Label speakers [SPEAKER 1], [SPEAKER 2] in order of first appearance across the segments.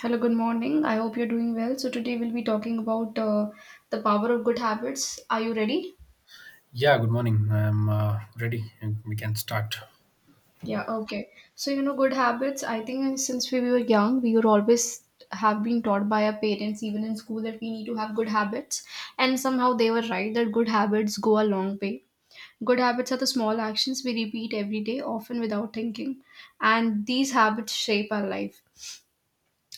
[SPEAKER 1] Hello, good morning. I hope you're doing well. So, today we'll be talking about the power of good habits. Are you ready?
[SPEAKER 2] Yeah, good morning. I'm ready. And We can start.
[SPEAKER 1] Yeah, okay. So, you know, good habits, I think since we were young, we were always have been taught by our parents, even in school, that we need to have good habits. And somehow they were right that good habits go a long way. Good habits are the small actions we repeat every day, often without thinking. And these habits shape our life.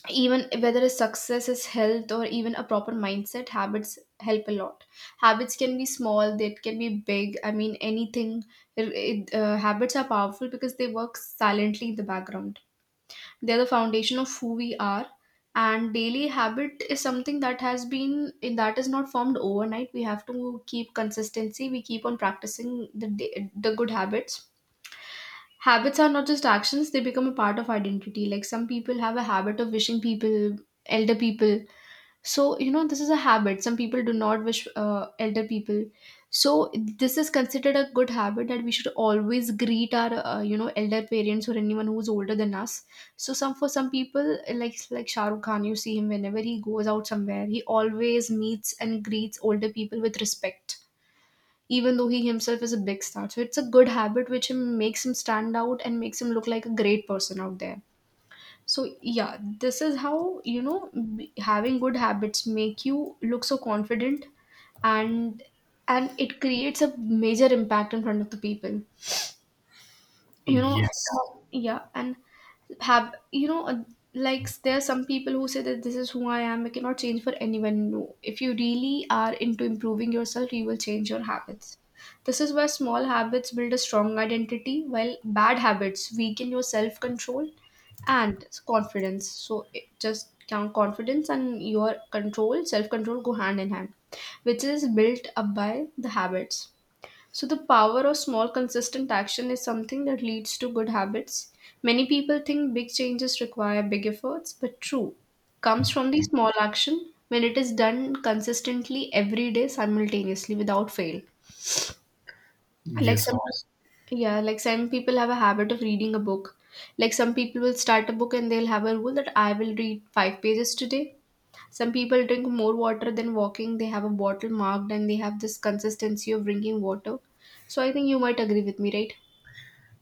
[SPEAKER 1] Even whether a success is health or even a proper mindset, habits help a lot. Habits can be small, they can be big, I mean anything. Habits are powerful because they work silently in the background. They're the foundation of who we are. And daily habit is something that has been that is not formed overnight. We have to keep consistency, we keep on practicing the good habits. Habits are not just actions, they become a part of identity. Like some people have a habit of wishing people, elder people. So, you know, this is a habit. Some people do not wish elder people. So, this is considered a good habit that we should always greet our, elder parents or anyone who's older than us. So, some for some people, like Shah Rukh Khan, you see him whenever he goes out somewhere, he always meets and greets older people with respect, even though he himself is a big star. So it's a good habit which him makes him stand out and makes him look like a great person out there. So yeah, this is how having good habits make you look so confident. And and it creates a major impact in front of the people.
[SPEAKER 2] Yes,
[SPEAKER 1] Yeah, and have you know like there are some people who say that this is who I am, I cannot change for anyone. No, if you really are into improving yourself, you will change your habits. This is where small habits build a strong identity, while bad habits weaken your self control and confidence. So it just count, confidence and your control self control go hand in hand, which is built up by the habits. So, the power of small, consistent action is something that leads to good habits. Many people think big changes require big efforts, but true comes from the small action when it is done consistently every day simultaneously without fail. Like
[SPEAKER 2] yes,
[SPEAKER 1] some,
[SPEAKER 2] obviously.
[SPEAKER 1] yeah, like some people have a habit of reading a book. Like some people will start a book and they'll have a rule that I will read five pages today. Some people drink more water than walking. They have a bottle marked and they have this consistency of drinking water. So I think you might agree with me, right?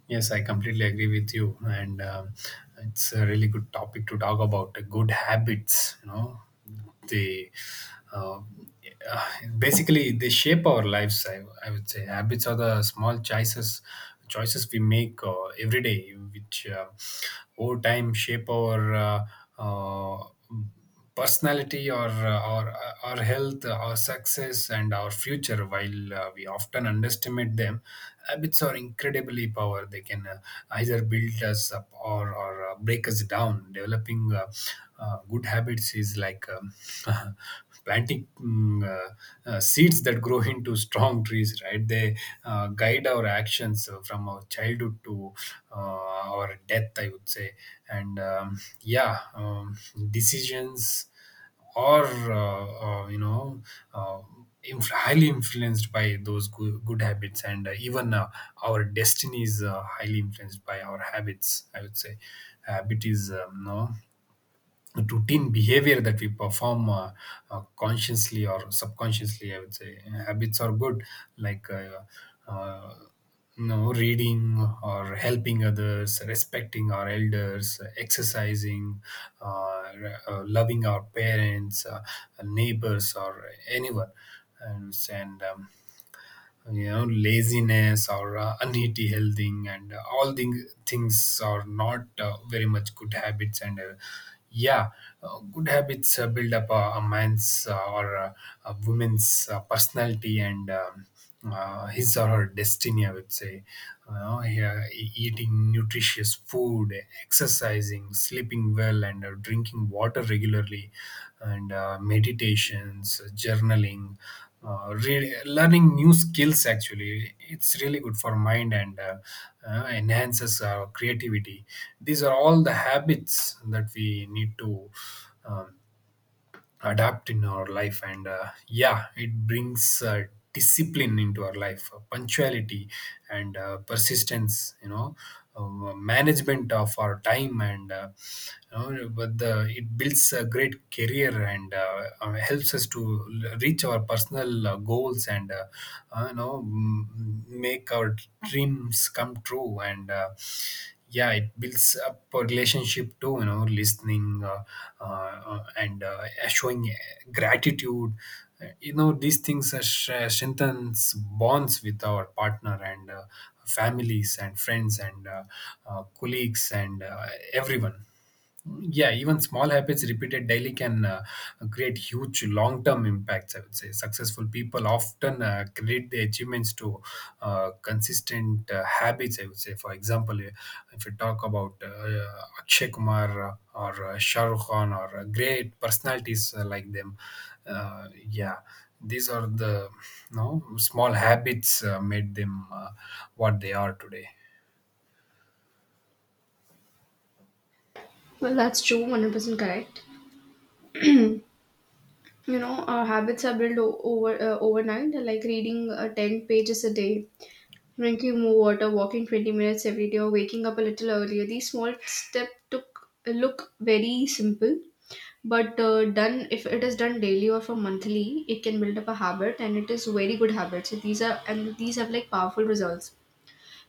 [SPEAKER 2] Yes, I completely agree with you, and it's a really good topic to talk about. Good habits, you know, they uh, uh, basically they shape our lives. I would say habits are the small choices we make every day, which over time shape our personality or our health, our success and our future, while we often underestimate them. Habits are incredibly power. They can either build us up or break us down. Developing good habits is like planting seeds that grow into strong trees, right? They guide our actions from our childhood to uh, our death, I would say. And yeah, decisions or you know, uh, highly influenced by those good habits, and even our destiny is highly influenced by our habits, I would say. Habit is no routine behavior that we perform consciously or subconsciously, I would say. Habits are good, like uh, you know, reading or helping others, respecting our elders, exercising, loving our parents, neighbors or anyone. And you know, laziness or unhealthy healthing and all the things are not very much good habits. And yeah Good habits build up a man's or a woman's personality and his or her destiny, I would say. You know, yeah, eating nutritious food, exercising, sleeping well, and drinking water regularly, and meditations, journaling, really, learning new skills actually, it's really good for mind, and enhances our creativity. These are all the habits that we need to um, adapt in our life. And yeah, it brings discipline into our life, punctuality and persistence, you know, management of our time, and you know, but the, it builds a great career and helps us to reach our personal goals, and you know, make our dreams come true. And yeah, it builds up a relationship too, you know, listening and showing gratitude. You know, these things are strengthens bonds with our partner and families and friends and colleagues and everyone. Yeah, even small habits repeated daily can create huge long term impacts. I would say successful people often credit their achievements to consistent habits. I would say, for example, if we talk about Akshay Kumar or Shah Rukh Khan or great personalities like them, yeah, these are the, you know, small habits made them what they are today.
[SPEAKER 1] Well, that's true, 100% correct. You know, our habits are built overnight, like reading 10 pages a day, drinking more water, walking 20 minutes every day, or waking up a little earlier. These small steps took look very simple, but done if it is done daily or for monthly, it can build up a habit, and it is very good habit. So these are and these have like powerful results.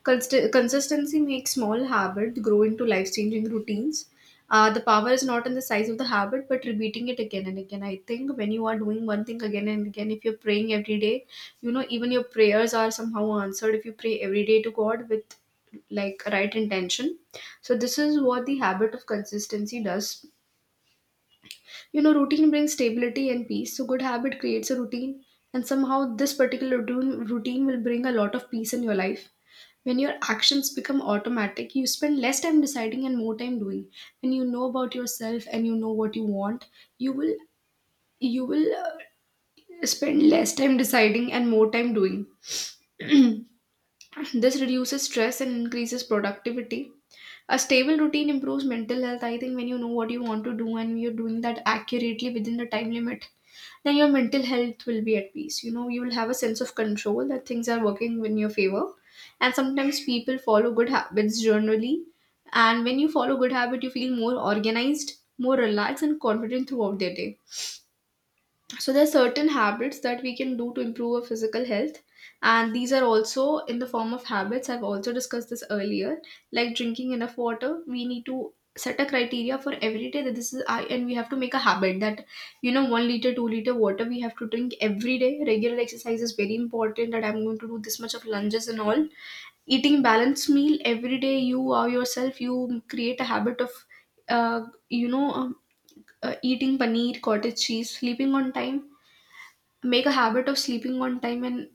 [SPEAKER 1] Consistency makes small habits grow into life changing routines. The power is not in the size of the habit, but repeating it again and again. I think when you are doing one thing again and again, if you're praying every day, you know, even your prayers are somehow answered if you pray every day to God with like right intention. So, this is what the habit of consistency does. You know, routine brings stability and peace. So, good habit creates a routine, and somehow this particular routine, routine will bring a lot of peace in your life. When your actions become automatic, you spend less time deciding and more time doing. When you know about yourself and you know what you want, you will you will spend less time deciding and more time doing. This reduces stress and increases productivity. A stable routine improves mental health. I think when you know what you want to do and you're doing that accurately within the time limit, then your mental health will be at peace. You know you will have a sense of control that things are working in your favor. And sometimes people follow good habits generally, and when you follow good habit, you feel more organized, more relaxed and confident throughout their day. So there are certain habits that we can do to improve our physical health, and these are also in the form of habits. I've also discussed this earlier, like drinking enough water. We need to set a criteria for every day that this is I, and we have to make a habit that, you know, 1 liter, 2 liter water we have to drink every day. Regular exercise is very important, that I'm going to do this much of lunges and all. Eating balanced meal every day, you are yourself. You create a habit of uh, you know um, eating paneer cottage cheese, sleeping on time. Make a habit of sleeping on time, and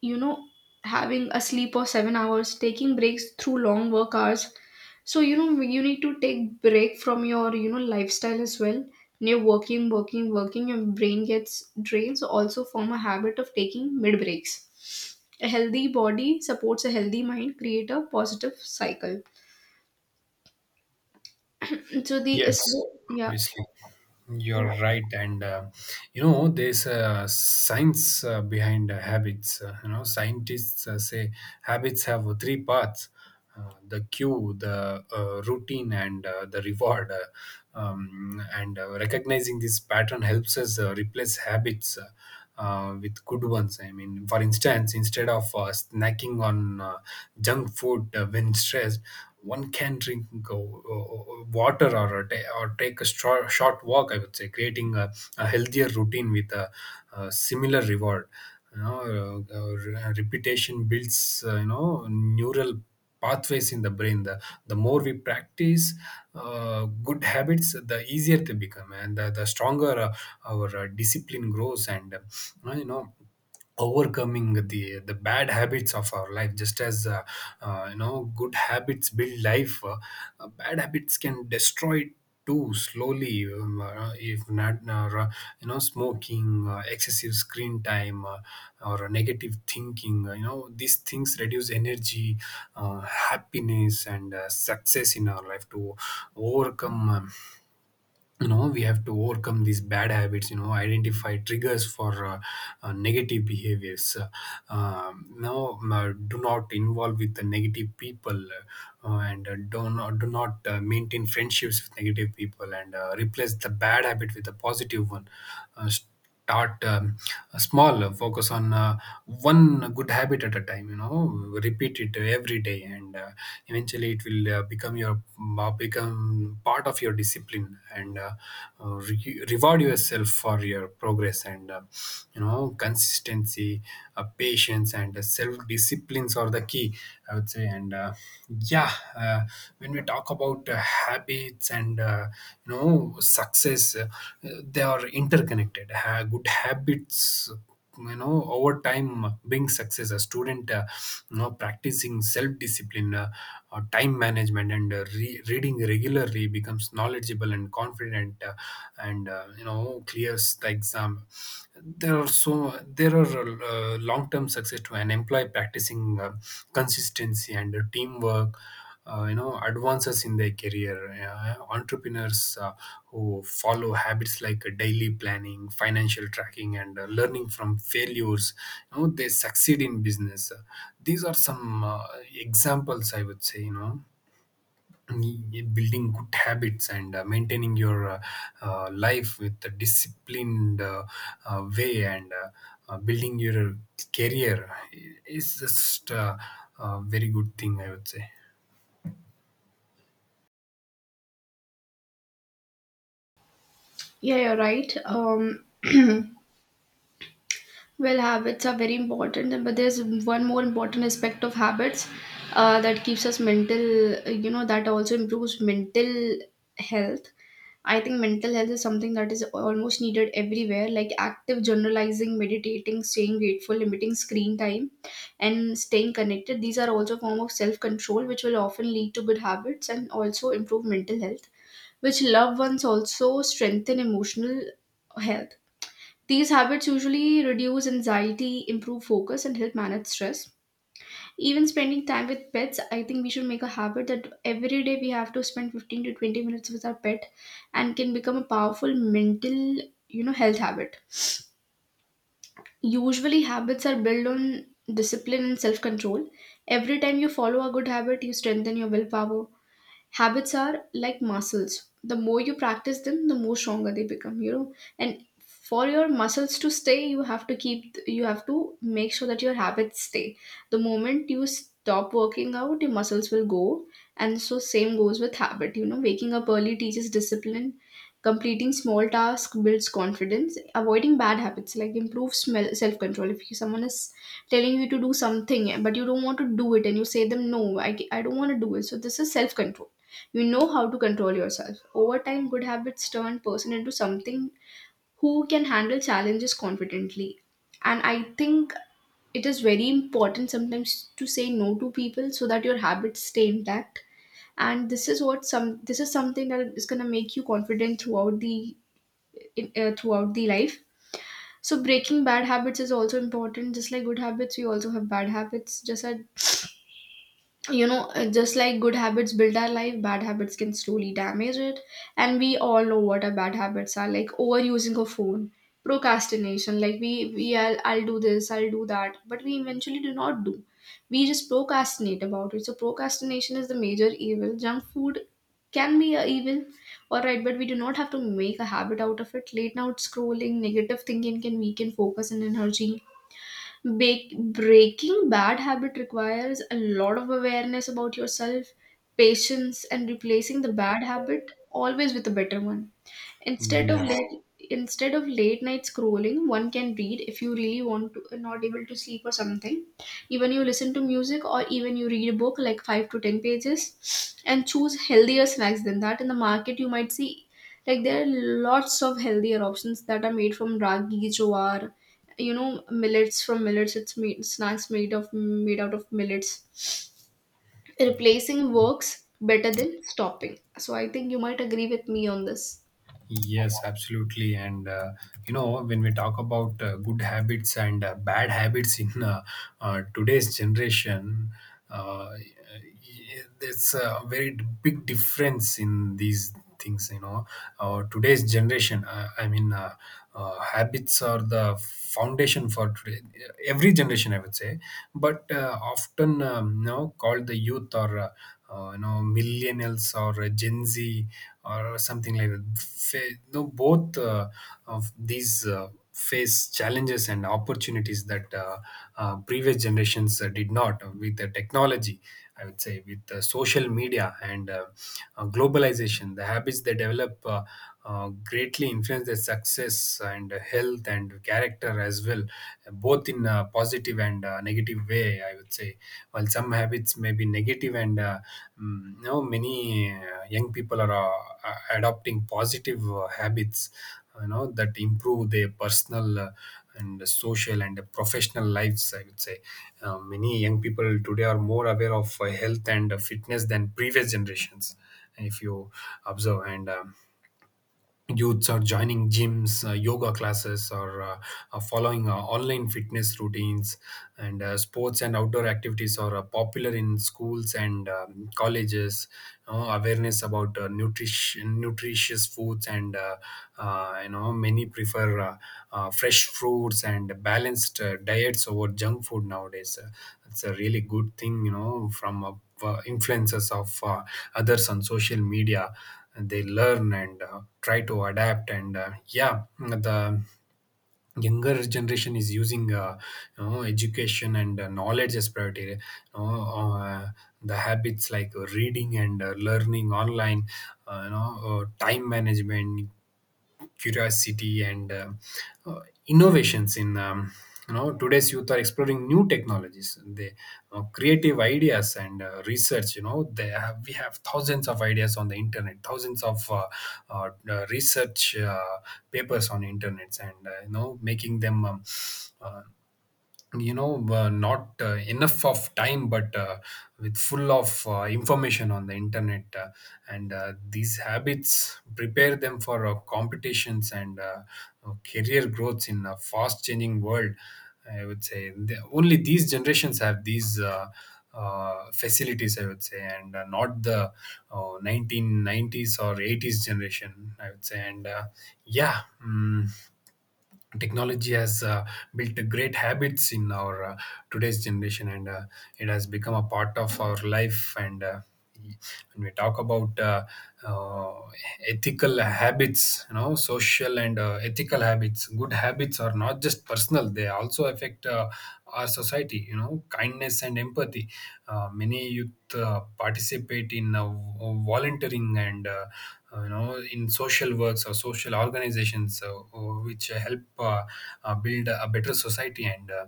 [SPEAKER 1] you know having a sleep of 7 hours, taking breaks through long work hours. So you know, you need to take break from your lifestyle as well. When you're working working working, your brain gets drained, so also form a habit of taking mid breaks. A healthy body supports a healthy mind, create a positive cycle. so the so
[SPEAKER 2] Yes,
[SPEAKER 1] the- yeah,
[SPEAKER 2] obviously.
[SPEAKER 1] yeah,
[SPEAKER 2] You're right. And you know, there's science behind habits. You know, scientists say habits have three parts: the cue, the routine, and the reward. And Recognizing this pattern helps us replace habits with good ones. I mean, for instance, instead of snacking on junk food when stressed, one can drink water, or take a short walk. I would say creating a healthier routine with a similar reward. You know, repetition builds you know, neural pathways in the, brain. The more we practice good habits, the easier they become, and the stronger our discipline grows, and you know, overcoming the bad habits of our life. Just as you know, good habits build life, bad habits can destroy too, slowly, if not ra- you know, smoking, excessive screen time, or negative thinking, you know, these things reduce energy, happiness and success in our life. To overcome, you know, we have to overcome these bad habits. You know, identify triggers for negative behaviors. Now, do not involve with the negative people, and do not, maintain friendships with negative people, and replace the bad habit with a positive one. uh, Start small. Focus on one good habit at a time. You know, repeat it every day, and eventually it will become your, become part of your discipline, and reward yourself for your progress, and you know, consistency, patience, and self disciplines are the key, I would say. And yeah, uh, when we talk about habits and you know, success, they are interconnected. Good habits, you know, over time being success. A student, you know, practicing self-discipline, time management, and reading regularly becomes knowledgeable and confident, and you know, clears the exam. There are long-term success to an employee practicing consistency and teamwork. You know, advances in their career. Entrepreneurs who follow habits like daily planning, financial tracking, and learning from failures, you know, they succeed in business. These are some examples, I would say. You know, building good habits and maintaining your life with a disciplined way, and building your career is just a very good thing, I would say.
[SPEAKER 1] yeah, you're right. Well, habits are very important, but there's one more important aspect of habits that keeps us mental, you know, that also improves mental health. I think mental health is something that is almost needed everywhere, like active generalizing, meditating, staying grateful, limiting screen time, and staying connected. These are also form of self control, which will often lead to good habits and also improve mental health, which loved ones also strengthen emotional health. These habits usually reduce anxiety, improve focus, and help manage stress. Even spending time with pets, I think we should make a habit that every day we have to spend 15 to 20 minutes with our pet and can become a powerful mental, you know, health habit. Usually habits are built on discipline and self-control. Every time you follow a good habit, you strengthen your willpower. Habits are like muscles, the more you practice them, the more stronger they become, you know. And for your muscles to stay, you have to keep, you have to make sure that your habits stay. The moment you stop working out, your muscles will go, and so same goes with habit. You know, waking up early teaches discipline, completing small tasks builds confidence, avoiding bad habits like improves smell self-control. If someone is telling you to do something but you don't want to do it, and you say them no, I don't want to do it. So this is self-control, you know how to control yourself. Over time, good habits turn person into something who can handle challenges confidently. And I think it is very important sometimes to say no to people so that your habits stay intact. And this is what some this is something that is gonna make you confident throughout the throughout the life. So breaking bad habits is also important. Just like good habits, we also have bad habits. Just as you know Just like good habits build our life, bad habits can slowly damage it. And we all know what our bad habits are, like overusing a phone, procrastination, like we I'll do this, I'll do that, but we eventually do not do, we just procrastinate about it. So procrastination is the major evil. Junk food can be a evil, all right, but we do not have to make a habit out of it. Late night scrolling, negative thinking can weaken focus and energy. Breaking bad habit requires a lot of awareness about yourself, patience, and replacing the bad habit always with a better one. Instead of
[SPEAKER 2] Yes.
[SPEAKER 1] late, Instead of late night scrolling, one can read if you really want to, not able to sleep or something. Even you listen to music or even you read a book like five to ten pages, and choose healthier snacks than that. In the market, you might see like there are lots of healthier options that are made from ragi, jowar, you know, millets from millets. It's made snacks made out of millets. Replacing works better than stopping. So I think you might agree with me on this.
[SPEAKER 2] Yes, absolutely. And you know, when we talk about good habits and bad habits in today's generation, there's a very big difference in these things. You know, today's generation. I mean, habits are the foundation for today. Every generation, I would say, but often, you know, called the youth, or. You know, millennials or Gen Z or something like that. Fa- no, both of these face challenges and opportunities that previous generations did not, with the technology. I would say with social media and globalization, the habits they develop greatly influence their success and health and character as well, both in a positive and negative way, I would say. While some habits may be negative, and you know, many young people are adopting positive habits, you know, that improve their personal and social and professional lives, I would say. Many young people today are more aware of health and fitness than previous generations. If you observe, and youths are joining gyms, yoga classes, or following online fitness routines. And sports and outdoor activities are popular in schools and colleges. You know, awareness about nutrition, nutritious foods, and you know, many prefer fresh fruits and balanced diets over junk food nowadays. It's a really good thing, you know, from a influences of others on social media. They learn and try to adapt. And yeah, the younger generation is using you know, education and knowledge as priority. You know, uh, the habits like reading and learning online, you know, time management, curiosity, and uh, innovations in, you know, today's youth are exploring new technologies. They, creative ideas and research. You know, they have we have thousands of ideas on the internet, thousands of research papers on internets, and you know, making them uh, you know, not enough of time, but with full of information on the internet. And these habits prepare them for competitions and career growths in a fast changing world, I would say. Only these generations have these facilities, I would say, and not the 1990s or 80s generation, I would say. And yeah, technology has built great habits in our today's generation, and it has become a part of our life. And when we talk about uh, ethical habits, you know, social and ethical habits, good habits are not just personal, they also affect our society. You know, kindness and empathy, many youth participate in volunteering and you know, in social works or social organizations, or which help build a better society, and uh,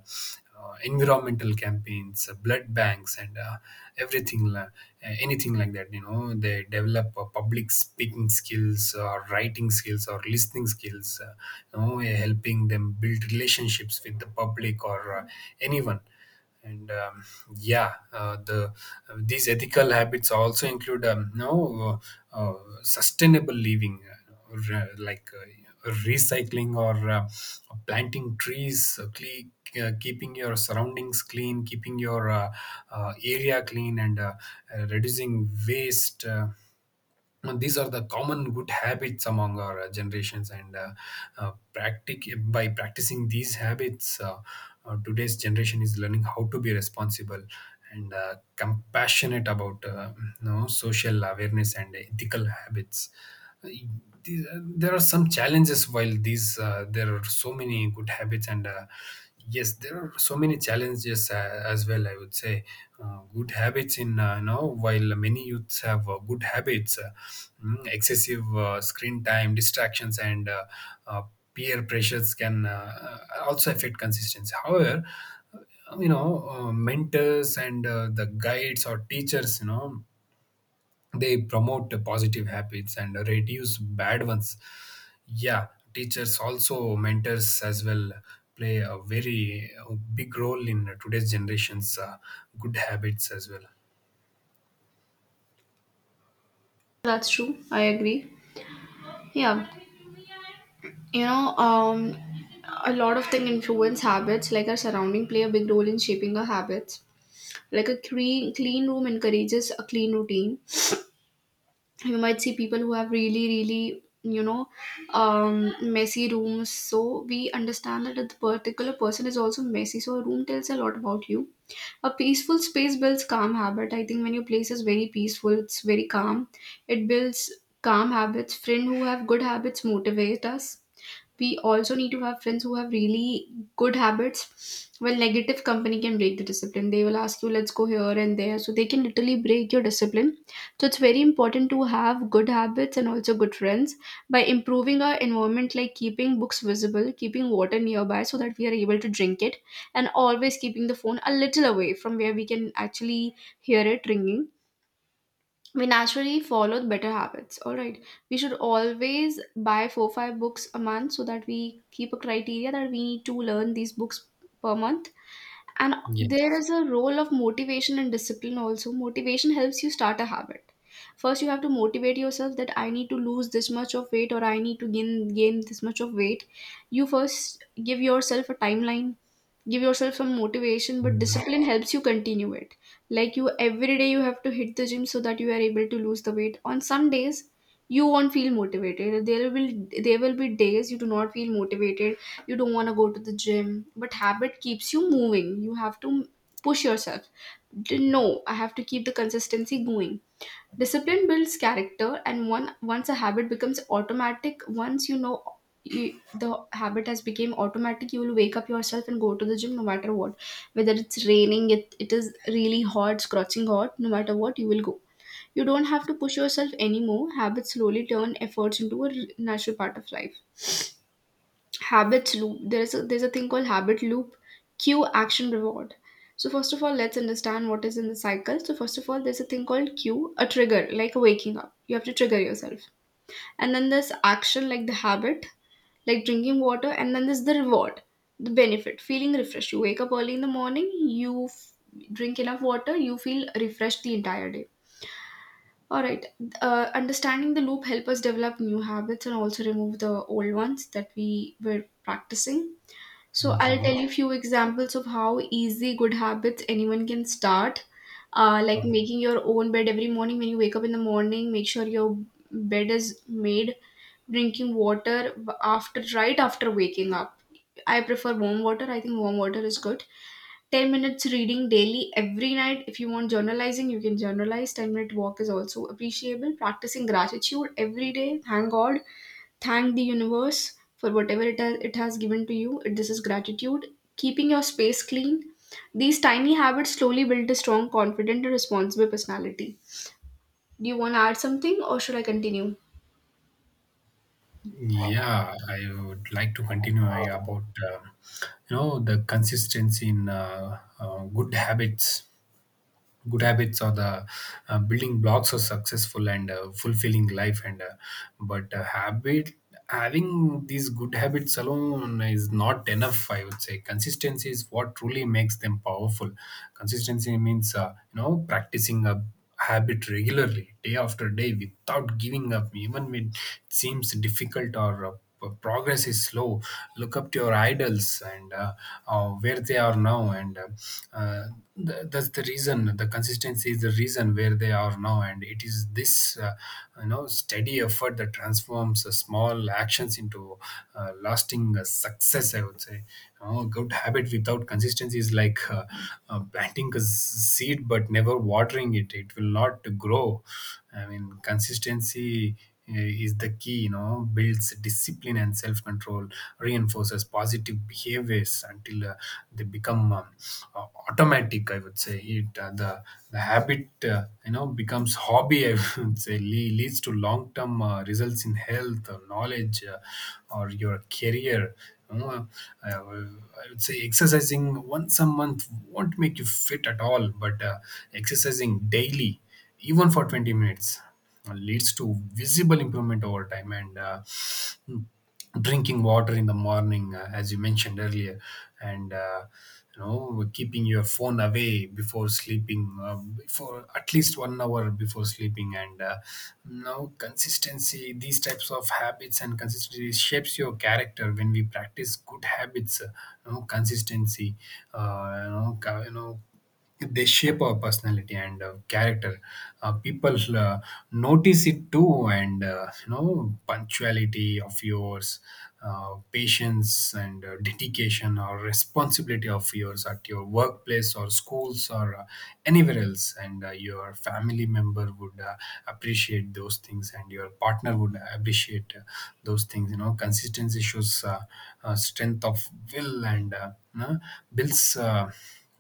[SPEAKER 2] uh, environmental campaigns, blood banks and everything, anything like that. You know, they develop public speaking skills or writing skills or listening skills, you know, helping them build relationships with the public or anyone And yeah, these ethical habits also include no sustainable living, like recycling or planting trees, keeping your surroundings clean, keeping your area clean, and reducing waste. Uh, These are the common good habits among our generations, and by practicing these habits, today's generation is learning how to be responsible and compassionate about, social awareness and ethical habits. Uh, there are some challenges. While these uh, there are so many good habits, and yes, there are so many challenges as well, I would say. Good habits, in you know, while many youths have good habits, excessive screen time, distractions, and uh, peer pressures can also affect consistency. However, mentors and the guides or teachers, they promote the positive habits and reduce bad ones. Yeah, teachers, also mentors as well, play a very big role in today's generation's good habits as well.
[SPEAKER 1] That's true. I agree. Yeah, you know, um, a lot of things influence habits, like our surrounding play a big role in shaping our habits. Like a clean room encourages a clean routine. You might see people who have really messy rooms. So we understand that a particular person is also messy. So a room tells a lot about you. A peaceful space builds calm habit. I think when your place is very peaceful, it's very calm. It builds calm habits. Friend who have good habits motivate us, we also need to have friends who have really good habits. Well, negative company can break the discipline. They will ask you, let's go here and there. So they can literally break your discipline. So it's very important to have good habits and also good friends, by improving our environment, like keeping books visible, keeping water nearby so that we are able to drink it, and always keeping the phone a little away from where we can actually hear it ringing. We naturally follow the better habits. All right, we should always buy 4 5 books a month so that we keep a criteria that we need to learn these books per month. And there
[SPEAKER 2] Yes.
[SPEAKER 1] is a role of motivation and discipline also. Motivation helps you start a habit. First, you have to motivate yourself that I need to lose this much of weight or I need to gain this much of weight. You first give yourself a timeline, give yourself some motivation, but
[SPEAKER 2] Mhm.
[SPEAKER 1] discipline helps you continue it. Like, you every day you have to hit the gym so that you are able to lose the weight. On some days you won't feel motivated. There will be days you do not feel motivated, you don't want to go to the gym, but habit keeps you moving. You have to push yourself. No, I have to keep the consistency going. Discipline builds character, and one once a habit becomes automatic, once you know you, the habit has become automatic, you will wake up yourself and go to the gym no matter what, whether it's raining, it is really hot, scorching hot, no matter what you will go. You don't have to push yourself anymore. Habits slowly turn efforts into a natural part of life. Habits loop. There's a thing called habit loop: cue, action, reward. So first of all, let's understand what is in the cycle. So first of all, there's a thing called cue, a trigger, like waking up, you have to trigger yourself. And then there's action, like the habit, like drinking water. And then there's the reward, the benefit, feeling refreshed. You wake up early in the morning, you drink enough water, you feel refreshed the entire day. All right. Understanding the loop help us develop new habits and also remove the old ones that we were practicing. So I'll tell
[SPEAKER 2] Mhm.
[SPEAKER 1] you few examples of how easy good habits anyone can start. Like making your own bed. Every morning when you wake up in the morning, make sure your bed is made. Drinking water after, right after waking up. I prefer warm water. I think warm water is good. 10 minutes reading daily every night. If you want journalizing, you can journalize. 10-minute walk is also appreciable. Practicing gratitude every day. Thank God, thank the universe for whatever it has given to you. This is gratitude. Keeping your space clean. These tiny habits slowly build a strong, confident, and responsible personality. Do you want to add something or should I continue?
[SPEAKER 2] Yeah, I would like to continue about um you know, the consistency in good habits. Good habits are the building blocks of successful and fulfilling life. And but habit having these good habits alone is not enough. I would say consistency is what truly makes them powerful. Consistency means, practicing a habit regularly, day after day, without giving up, even when it seems difficult or progress is slow. Look up to your idols and where they are now, and uh, that's the reason. The consistency is the reason where they are now, and it is this steady effort that transforms small actions into lasting success, I would say. You know, good habit without consistency is like planting a seed but never watering it. It will not grow. I mean, consistency is the key, builds discipline and self control, reinforces positive behaviors until they become automatic, I would say. It uh, the the habit, becomes hobby, I would say, leads to long term results in health or knowledge, or your career. You know, I would say exercising once a month won't make you fit at all, but exercising daily, even for 20 minutes, leads to visible improvement over time. And drinking water in the morning, as you mentioned earlier, and keeping your phone away before sleeping, for at least 1 hour before sleeping, and now, consistency, these types of habits and consistency shapes your character. When we practice good habits, consistency, uh, you know, ca- you know they shape our personality and character. People notice it too, and punctuality of yours, patience and dedication or responsibility of yours at your workplace or schools or anywhere else, and your family member would appreciate those things, and your partner would appreciate those things. You know, consistency shows strength of will, and builds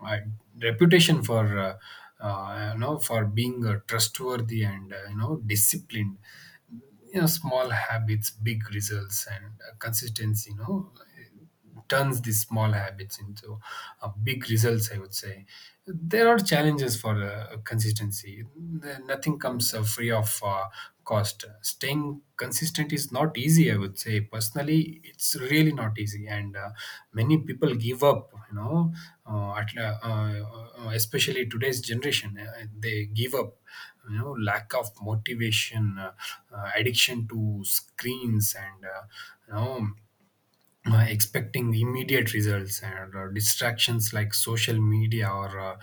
[SPEAKER 2] uh, reputation for being trustworthy and disciplined. You know, small habits, big results, and consistency, you know, turns these small habits into big results, I would say. There are challenges for consistency. Nothing comes free of cost. Staying consistent is not easy, I would say. Personally, it's really not easy, and many people give up, you know. Especially today's generation, they give up, you know. Lack of motivation, addiction to screens and you know expecting immediate results, and distractions like social media or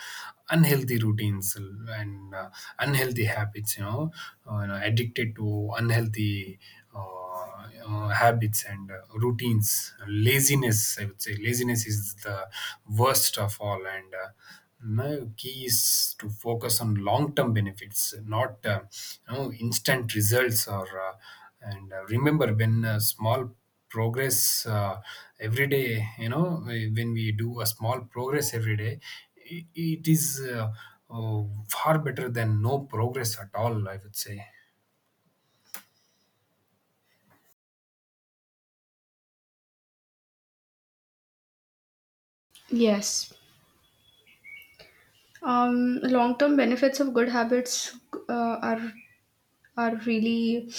[SPEAKER 2] unhealthy routines and unhealthy habits, addicted to unhealthy, habits and routines. Laziness, I would say, laziness is the worst of all. And my key is to focus on long-term benefits, not instant results, or and remember, when small progress every day, you know, when we do a small progress every day, it is uh, uh, far better than no progress at all, I would say.
[SPEAKER 1] Yes. Long-term benefits of good habits are really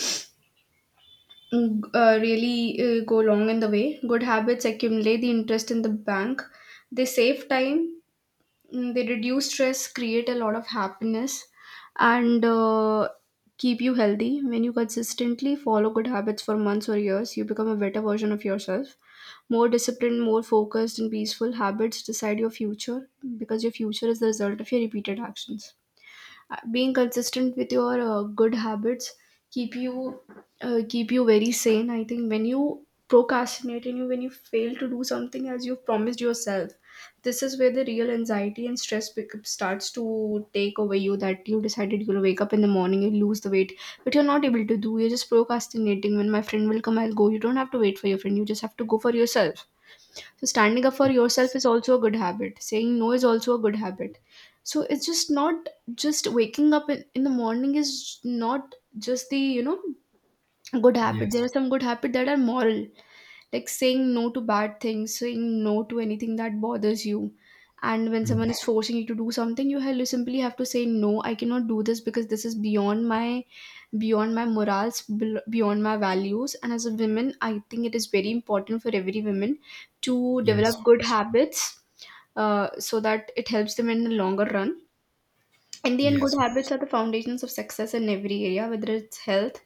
[SPEAKER 1] really go long in the way. Good habits accumulate the interest in the bank. They save time. They reduce stress, create a lot of happiness, and keep you healthy. When you consistently follow good habits for months or years, you become a better version of yourself, more disciplined, more focused and peaceful. Habits decide your future, because your future is the result of your repeated actions. Being consistent with your good habits keep you keep you very sane. I think when you procrastinate and you when you fail to do something as you've promised yourself, this is where the real anxiety and stress starts to take over you. That you decided you'll wake up in the morning, you lose the weight, but you're not able to do. You're just procrastinating. When my friend will come, I'll go. You don't have to wait for your friend. You just have to go for yourself. So standing up for yourself is also a good habit. Saying no is also a good habit. So it's just not just waking up in the morning is not just the good habit. There
[SPEAKER 2] Yes.
[SPEAKER 1] are some good habits that are moral, like saying no to bad things, saying no to anything that bothers you. And when
[SPEAKER 2] Mm.
[SPEAKER 1] someone is forcing you to do something, you have simply have to say no, I cannot do this because this is beyond my, beyond my morals, beyond my values. And as a woman, I think it is very important for every woman to
[SPEAKER 2] Yes,
[SPEAKER 1] develop good
[SPEAKER 2] obviously.
[SPEAKER 1] habits, so that it helps them in the longer run. In the end, good
[SPEAKER 2] Yes,
[SPEAKER 1] habits
[SPEAKER 2] obviously.
[SPEAKER 1] are the foundations of success in every area, whether it's health,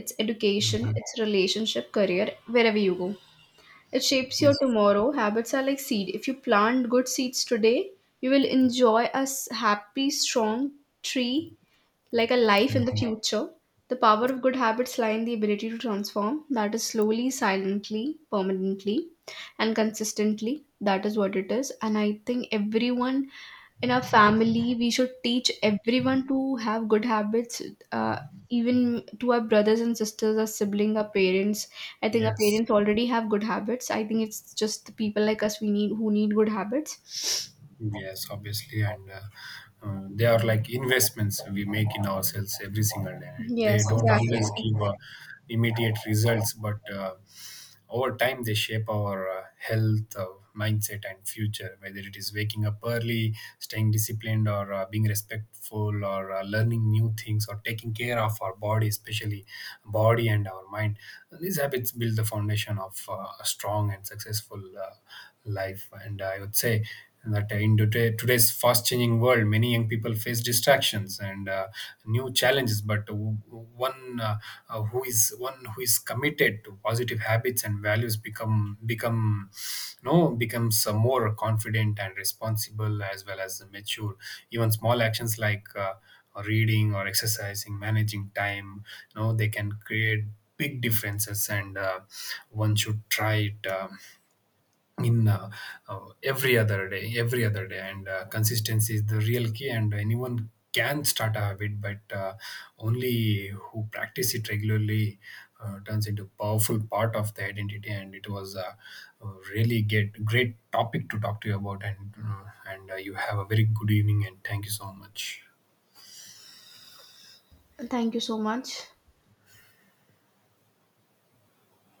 [SPEAKER 1] it's education,
[SPEAKER 2] Mhm.
[SPEAKER 1] it's relationship, career. Wherever you go, it shapes your
[SPEAKER 2] Yes.
[SPEAKER 1] tomorrow. Habits are like seed. If you plant good seeds today, you will enjoy a happy, strong tree, like a life in the
[SPEAKER 2] Mhm.
[SPEAKER 1] future. The power of good habits lie in the ability to transform, that is, slowly, silently, permanently, and consistently. That is what it is. And I think everyone in our family, we should teach everyone to have good habits. Uh, Even to our brothers and sisters, our siblings, our parents. I think our
[SPEAKER 2] Yes,
[SPEAKER 1] parents already have good habits. I think it's just the people like us we need who need good habits.
[SPEAKER 2] Yes, obviously, and they are like investments we make in ourselves every single day.
[SPEAKER 1] Yes,
[SPEAKER 2] They don't
[SPEAKER 1] exactly.
[SPEAKER 2] always give immediate results, but over time they shape our health, mindset, and future. Whether it is waking up early, staying disciplined, or being respectful, or learning new things, or taking care of our body, especially body and our mind. These habits build the foundation of a strong and successful life, and I would say, and that in today's fast changing world, many young people face distractions and new challenges. But one uh, one who is committed to positive habits and values becomes more confident and responsible, as well as mature. Even small actions like reading or exercising, managing time, you know, they can create big differences, and one should try it in every other day. And consistency is the real key. And anyone can start a habit, but only who practice it regularly turns into powerful part of the identity. And it was a uh, really get great topic to talk to you about. And you have a very good evening, and thank you so much.
[SPEAKER 1] Thank you so much.